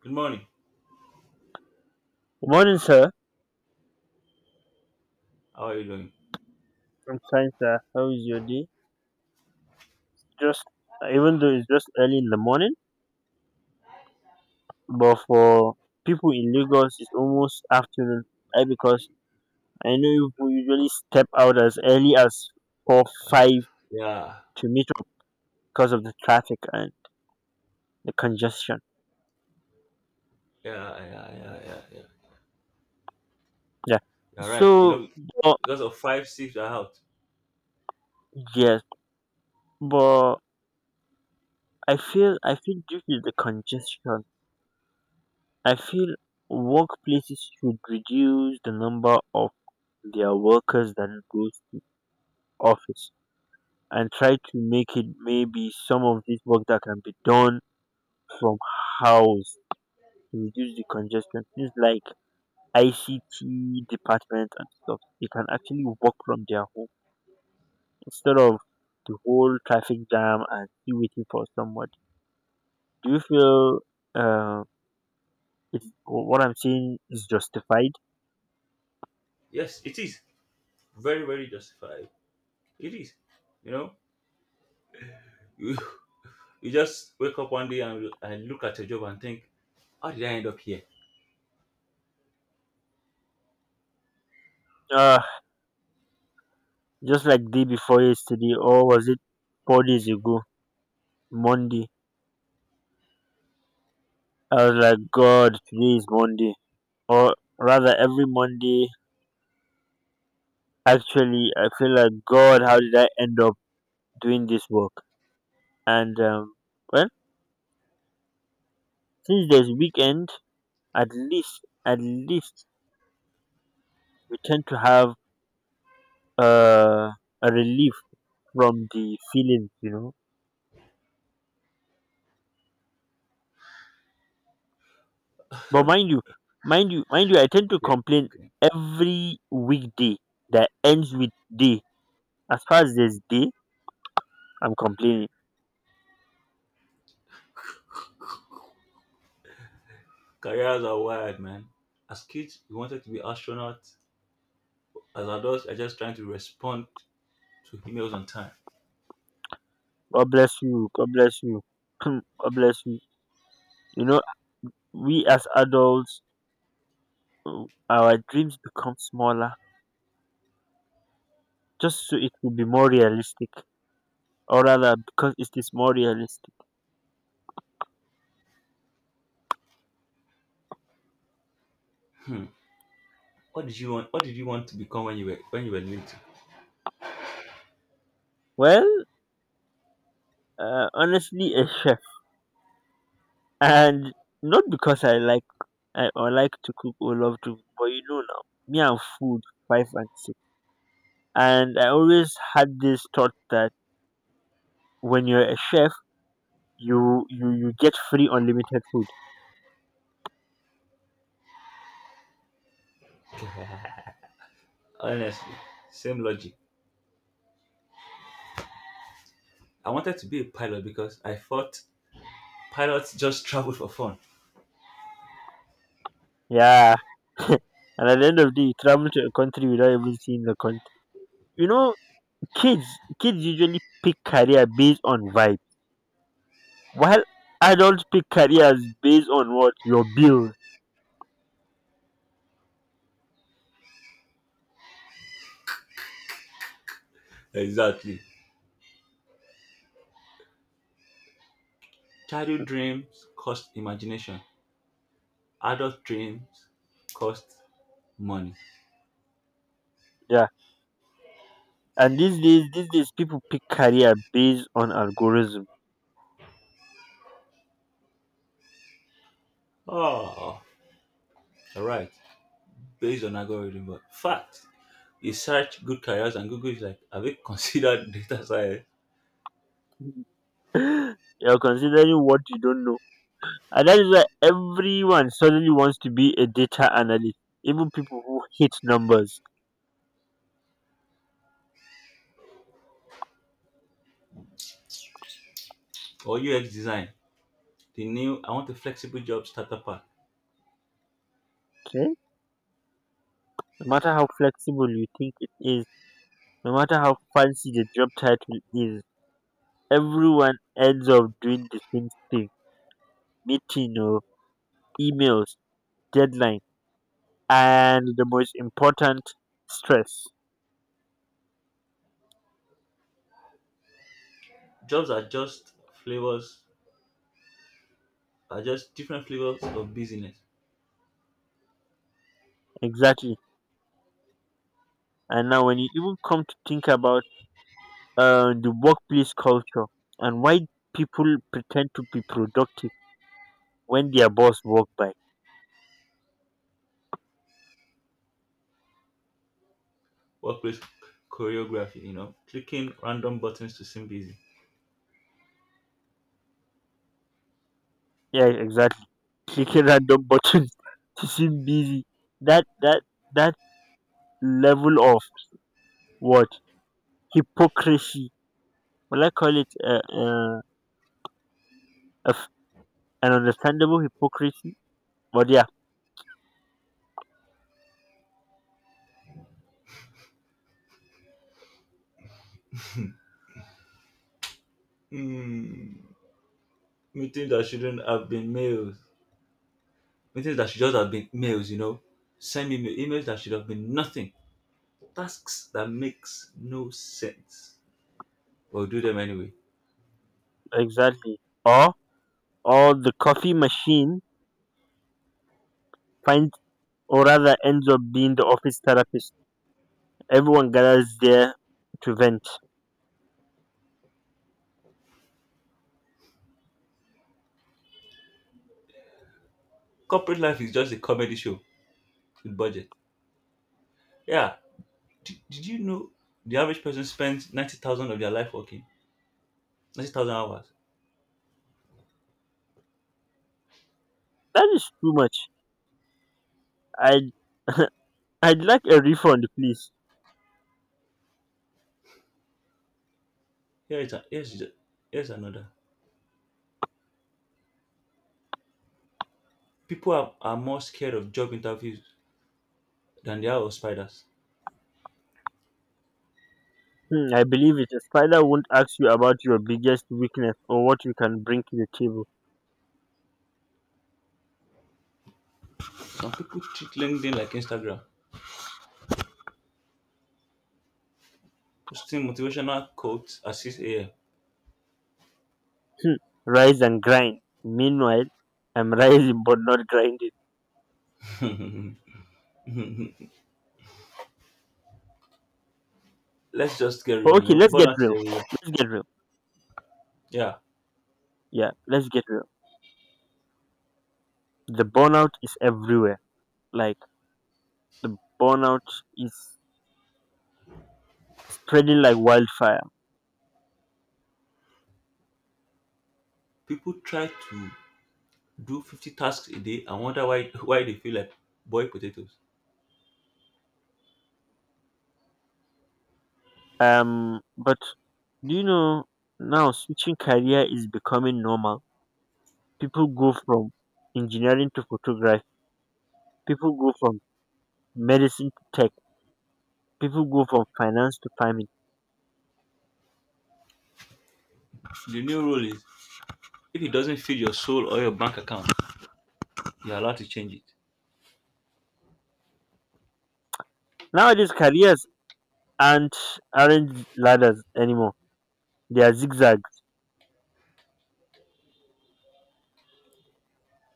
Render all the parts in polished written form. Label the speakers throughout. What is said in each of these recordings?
Speaker 1: Good morning.
Speaker 2: Good morning, sir.
Speaker 1: How are you doing?
Speaker 2: I'm fine, sir. How is your day? Just even though it's just early in the morning, but for people in Lagos, it's almost afternoon. I Because I know you who usually step out as early as four five
Speaker 1: Yeah,
Speaker 2: to meet up because of the traffic and the congestion.
Speaker 1: yeah.
Speaker 2: Yeah.
Speaker 1: You're right. You
Speaker 2: So,
Speaker 1: know,
Speaker 2: but,
Speaker 1: because of 5 6 are out.
Speaker 2: yes, but I feel due to the congestion, I feel workplaces should reduce the number of their workers that goes office and try to make it maybe some of this work that can be done from house to reduce the congestion. Things like ICT department and stuff, they can actually work from their home instead of the whole traffic jam and still waiting for somebody. Do you feel uh, what I'm saying is justified?
Speaker 1: Yes, it is very, very justified. It is. You know, you you just wake up one day and look at your job and think, how did I end up here?
Speaker 2: Uh, just like day before yesterday, or was it 4 days ago, Monday? I was like, God, today is Monday. Or rather, every Monday, actually, I feel like, God, how did I end up doing this work? And well, since there's weekend, at least, at least we tend to have uh, a relief from the feelings. But mind you, I tend to
Speaker 1: Okay,
Speaker 2: complain
Speaker 1: okay.
Speaker 2: every weekday that ends with day. As far as there's day, I'm complaining.
Speaker 1: Careers are wired, man. As kids, we wanted to be astronauts. As adults, are just trying to respond to emails on time.
Speaker 2: God bless you. God bless you. God bless you. You know, we as adults, our dreams become smaller, just so it will be more realistic, or rather because it is more realistic.
Speaker 1: What did you want? What did you want to become when you were little?
Speaker 2: Well, honestly a chef, and not because I like to cook or love to cook but you know Now, me and food, five and six, and I always had this thought that when you're a chef, you get free unlimited food.
Speaker 1: Honestly, same logic. I wanted to be a pilot because I thought pilots just travel for fun.
Speaker 2: Yeah. And at the end of the day, you travel to a country without even seeing the country you know kids usually pick career based on vibe, while adults pick careers based on what? Your bills.
Speaker 1: Exactly. Childhood dreams cost imagination. Adult dreams cost money.
Speaker 2: Yeah. And these days people pick career based on algorithm.
Speaker 1: Oh, all right. Based on algorithm, but fact. You search good careers and Google is like, have you considered data science
Speaker 2: You're considering what you don't know. And that is why everyone suddenly wants to be a data analyst. Even people who hate numbers.
Speaker 1: or UX design? The new, I want a flexible job starter pack.
Speaker 2: Okay? No matter how flexible you think it is, no matter how fancy the job title is, everyone ends up doing the same thing. Me too, no. Emails, deadline, and the most important, stress.
Speaker 1: Jobs are just flavors, are just different flavors of business.
Speaker 2: Exactly. And now, when you even come to think about the workplace culture, and why people pretend to be productive when their boss walk by.
Speaker 1: Workplace choreography, clicking random buttons to seem busy.
Speaker 2: Yeah, exactly. Clicking random buttons to seem busy. That that that level of, what, hypocrisy. Well, I call it f- an understandable hypocrisy. But yeah,
Speaker 1: Mm, meetings that shouldn't have been mails. Meetings that should just have been mails. Send email, emails that should have been nothing. Tasks that makes no sense. But we do them anyway.
Speaker 2: exactly. Or or the coffee machine finds, or rather ends up being the office therapist. Everyone gathers there to vent.
Speaker 1: Corporate life is just a comedy show with budget. Yeah. Did you know the average person spends 90,000 of their life working? 90,000 hours.
Speaker 2: That is too much. I'd I'd like a refund, please.
Speaker 1: Here's here's another. People are more scared of job interviews than they are of spiders.
Speaker 2: Hmm, I believe it. A spider won't ask you about your biggest weakness or what you can bring to the table.
Speaker 1: Some people treat LinkedIn like Instagram, posting motivational quotes at 6 a.m.
Speaker 2: Hmm, rise and grind. Meanwhile, I'm rising but not grinding.
Speaker 1: Let's just get
Speaker 2: But
Speaker 1: real,
Speaker 2: okay, let's get
Speaker 1: burnout is
Speaker 2: real.
Speaker 1: everywhere.
Speaker 2: Let's get real.
Speaker 1: Yeah,
Speaker 2: Yeah, let's get real. The burnout is everywhere. Like, the burnout is spreading like wildfire.
Speaker 1: people try to do 50 tasks a day and wonder why they feel like boiled potatoes.
Speaker 2: But do you know, now switching career is becoming normal. People go from engineering to photography. People go from medicine to tech. People go from finance to farming.
Speaker 1: The new rule is if it doesn't feed your soul or your bank account, you're allowed to change it.
Speaker 2: Nowadays, careers aren't aren't ladders anymore. They are zigzags.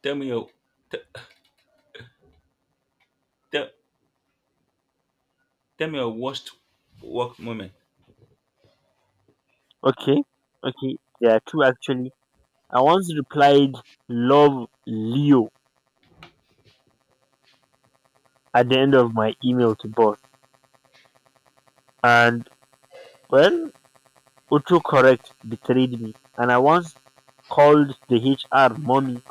Speaker 1: Tell me your te- te- tell me your worst work moment.
Speaker 2: Okay, okay, there are two actually. I once replied "Love Leo" at the end of my email to boss, and well, Autocorrect betrayed me, and I once called the HR mommy.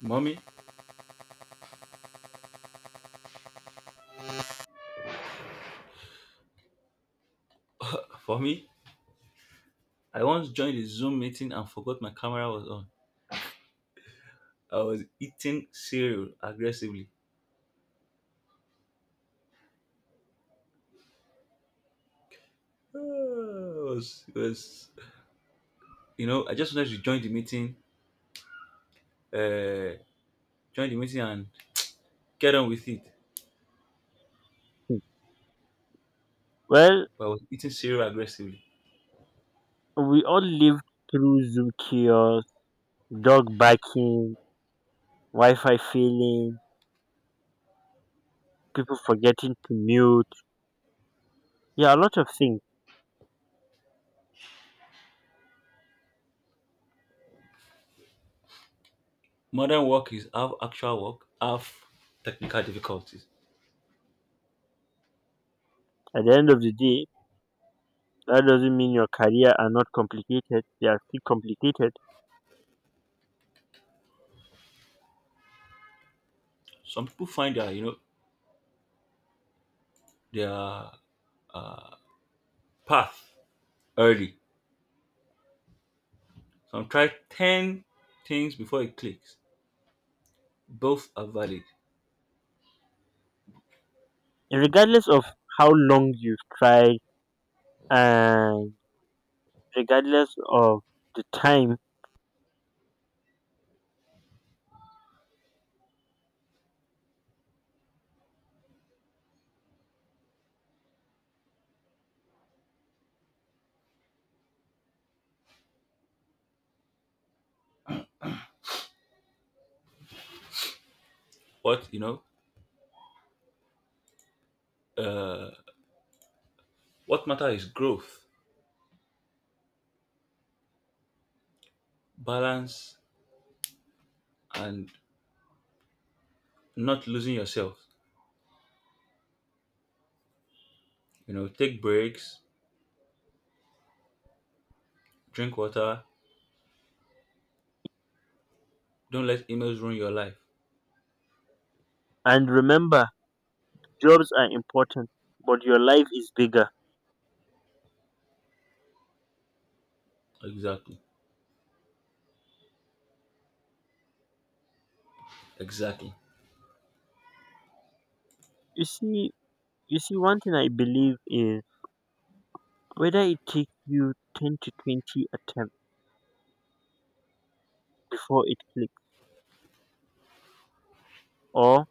Speaker 1: Mommy, for me, I once joined a Zoom meeting and forgot my camera was on. I was eating cereal aggressively. It was, you know, I just wanted to uh, join the meeting and get on with it.
Speaker 2: Well,
Speaker 1: But I was eating cereal aggressively.
Speaker 2: we all lived through Zoom chaos: dog barking, Wi-Fi failing, people forgetting to mute. Yeah, a lot of things.
Speaker 1: Modern work is half actual work, half technical difficulties.
Speaker 2: At the end of the day, that doesn't mean your career are not complicated. They are still complicated,
Speaker 1: Some people find their, their path early. Some try 10 things before it clicks. Both are valid.
Speaker 2: regardless of how long you've tried, and regardless of the time.
Speaker 1: What, you know, uh, what matter is growth, balance, and not losing yourself. You know, take breaks, drink water, don't let emails ruin your life.
Speaker 2: And remember, jobs are important, but your life is bigger.
Speaker 1: Exactly. Exactly.
Speaker 2: you see you see, one thing I believe is, whether it takes you 10 to 20 attempts before it clicks, or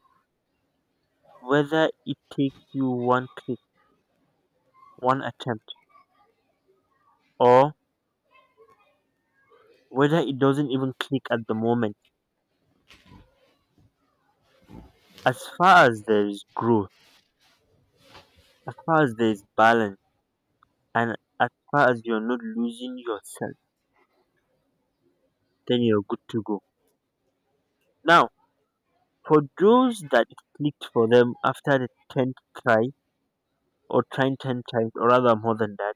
Speaker 2: whether it takes you one attempt, or whether it doesn't even click at the moment, as far as there is growth, as far as there is balance, and as far as you're not losing yourself, then you're good to go. Now, for those that it clicked for them after the 10th try, or trying 10 times or rather more than that,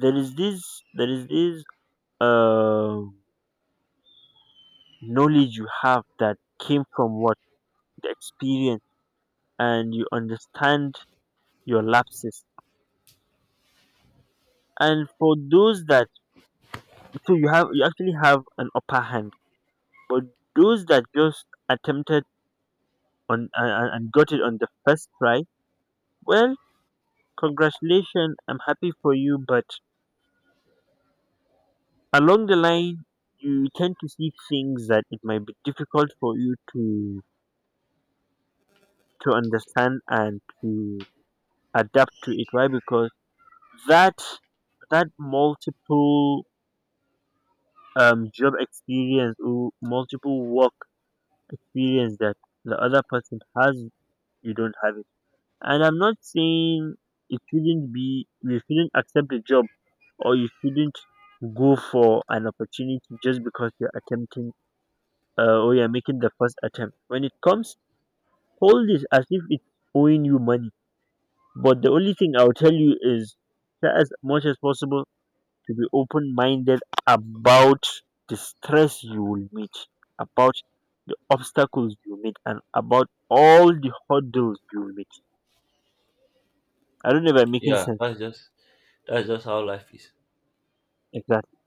Speaker 2: there is this um knowledge you have that came from what, the experience, and you understand your lapses. And for those that so you actually have an upper hand. But those that just attempted on, and got it on the first try, well, congratulations, I'm happy for you. But along the line, you tend to see things that it might be difficult for you to understand and to adapt to it. Why? Because that that multiple job experience, or multiple work experience that the other person has, you don't have it. And I'm not saying it shouldn't be you shouldn't accept the job, or you shouldn't go for an opportunity just because you're attempting, or you're making the first attempt. When it comes, hold it as if it's owing you money. But the only thing I'll tell you is, try as much as possible to be open minded about the stress you will meet, about the obstacles you meet, and about all the hurdles you will meet. I don't know if I'm making
Speaker 1: Yeah,
Speaker 2: sense.
Speaker 1: that's just that's just how life is.
Speaker 2: Exactly.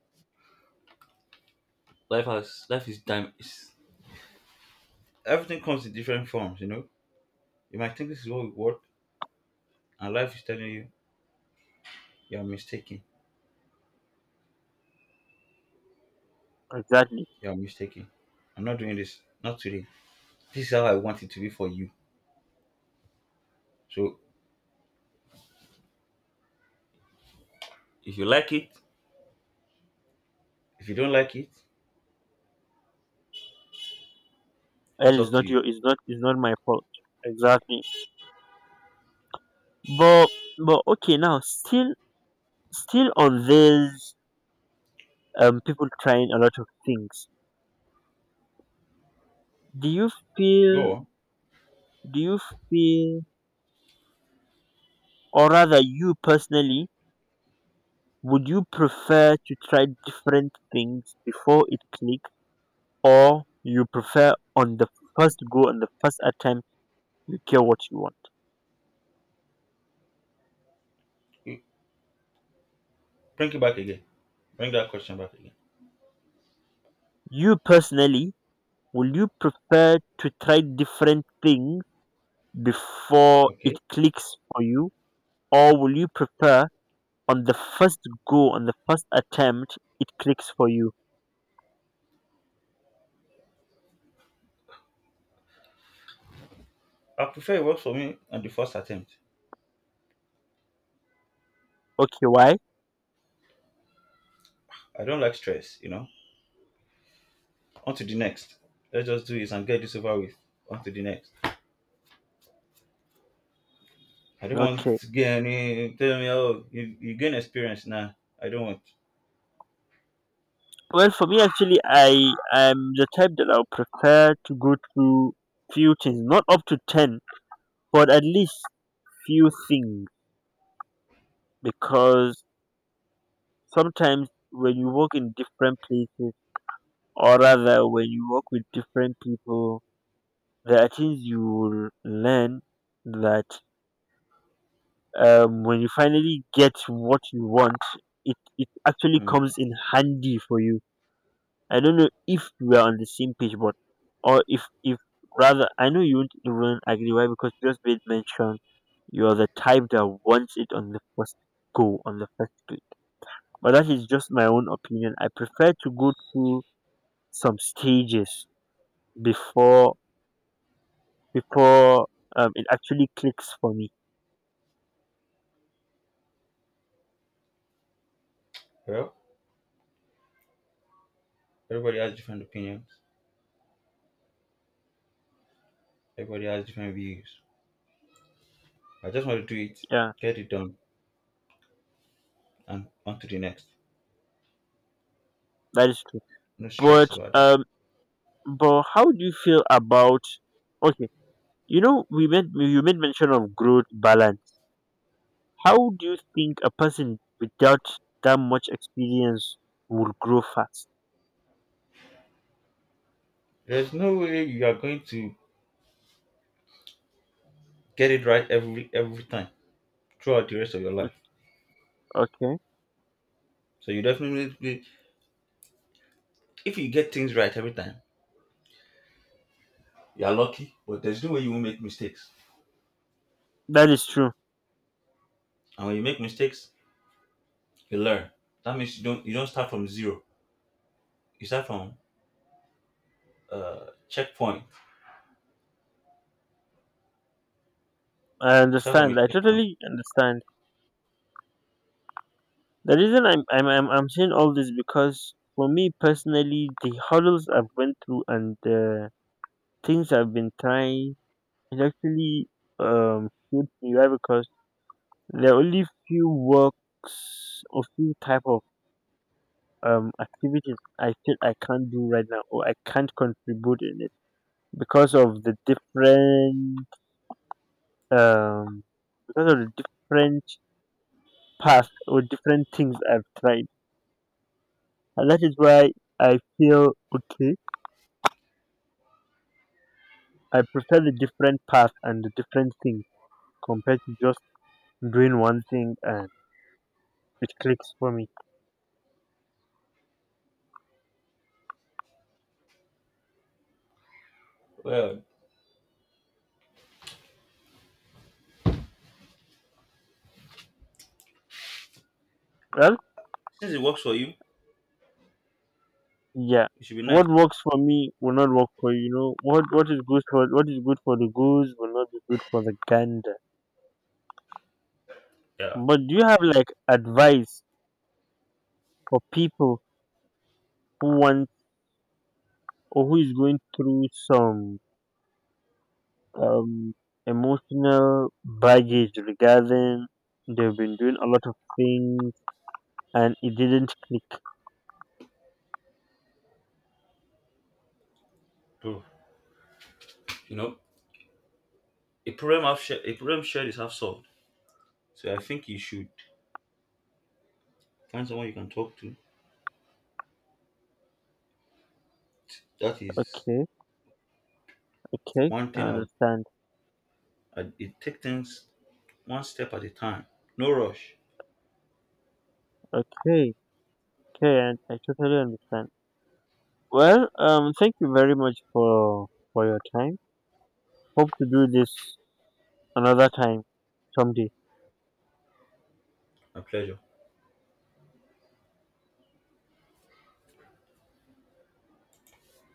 Speaker 1: Life is, everything comes in different forms, you know. You might think this is what we want and life is telling you you're mistaken.
Speaker 2: Exactly.
Speaker 1: You're mistaken. I'm not doing this. Not today. This is how I want it to be for you. So if you like it, if you don't like it,
Speaker 2: And
Speaker 1: it's
Speaker 2: it's
Speaker 1: up to
Speaker 2: not
Speaker 1: you.
Speaker 2: your it's not my fault. Exactly. But but okay, now, still on this, people trying a lot of things. Do you feel
Speaker 1: Go on.
Speaker 2: do you feel or rather, you personally, would you prefer to try different things before it clicks, or you prefer on the first go, on the first attempt, you get what you want?
Speaker 1: You- Bring it back again. Bring that question back again.
Speaker 2: You personally, will you prefer to try different things before it
Speaker 1: Okay.
Speaker 2: clicks for you, or will you prefer on the first go, on the first attempt, it clicks for you?
Speaker 1: I prefer it works for me on the first attempt.
Speaker 2: Okay, why?
Speaker 1: I don't like stress, you know. On to the next. Let's just do this and get this over with. On to the next. I don't want
Speaker 2: Okay.
Speaker 1: to get any, tell me, oh, you gain experience now. I don't want.
Speaker 2: Well, for me, actually, I am the type that I will prefer to go through few things, not up to 10, but at least few things, because sometimes when you work in different places, or rather when you work with different people, there are things you will learn that, when you finally get what you want, it actually
Speaker 1: Hmm.
Speaker 2: comes in handy for you. I don't know if we are on the same page, but or if rather, I know you won't even agree. Why? Because you just made mention you're the type that wants it on the first go, on the first place. But that is just my own opinion. I prefer to go through some stages before before it actually clicks for me.
Speaker 1: Well, everybody has different opinions. Everybody has different views. I just want to do it,
Speaker 2: Yeah,
Speaker 1: get it done, and on to the next.
Speaker 2: that is true.
Speaker 1: No
Speaker 2: But
Speaker 1: stress about that.
Speaker 2: um, but how do you feel about? Okay, we made you made mention of growth balance. How do you think a person without that much experience would grow fast?
Speaker 1: There's no way you are going to get it right every time throughout the rest of your life.
Speaker 2: Okay,
Speaker 1: So you definitely, if you get things right every time, you are lucky. But there's no way you won't make mistakes.
Speaker 2: that is true.
Speaker 1: And when you make mistakes, you learn. That means you don't start from zero. You start from checkpoint.
Speaker 2: I
Speaker 1: You start from
Speaker 2: understand.
Speaker 1: a
Speaker 2: I
Speaker 1: checkpoint.
Speaker 2: totally understand. The reason I'm saying all this, because for me personally, the hurdles I've went through and the things I've been trying is actually, shaped me right, because there are only few works or few type of activities I feel I can't do right now, or I can't contribute in it because of the different, um because of the different paths, or different things I've tried, and that is why I feel okay, I prefer the different path and the different things, compared to just doing one thing and it clicks for me.
Speaker 1: Well,
Speaker 2: Well,
Speaker 1: since it works for you,
Speaker 2: yeah.
Speaker 1: it should be nice.
Speaker 2: What works for me will not work for you. You know what, what is good for the goose will not be good for the gander.
Speaker 1: Yeah,
Speaker 2: But do you have like advice for people who want, or who is going through some um emotional baggage regarding they've been doing a lot of things and it didn't click?
Speaker 1: bro. You know, a problem shared is half solved. So I think you should find someone you can talk to. That is
Speaker 2: Okay. Okay,
Speaker 1: one thing.
Speaker 2: I
Speaker 1: I would-
Speaker 2: understand.
Speaker 1: I it take things one step at a time. No rush.
Speaker 2: Okay, okay, and I totally understand. Well, thank you very much for your time. Hope to do this another time, someday.
Speaker 1: My pleasure.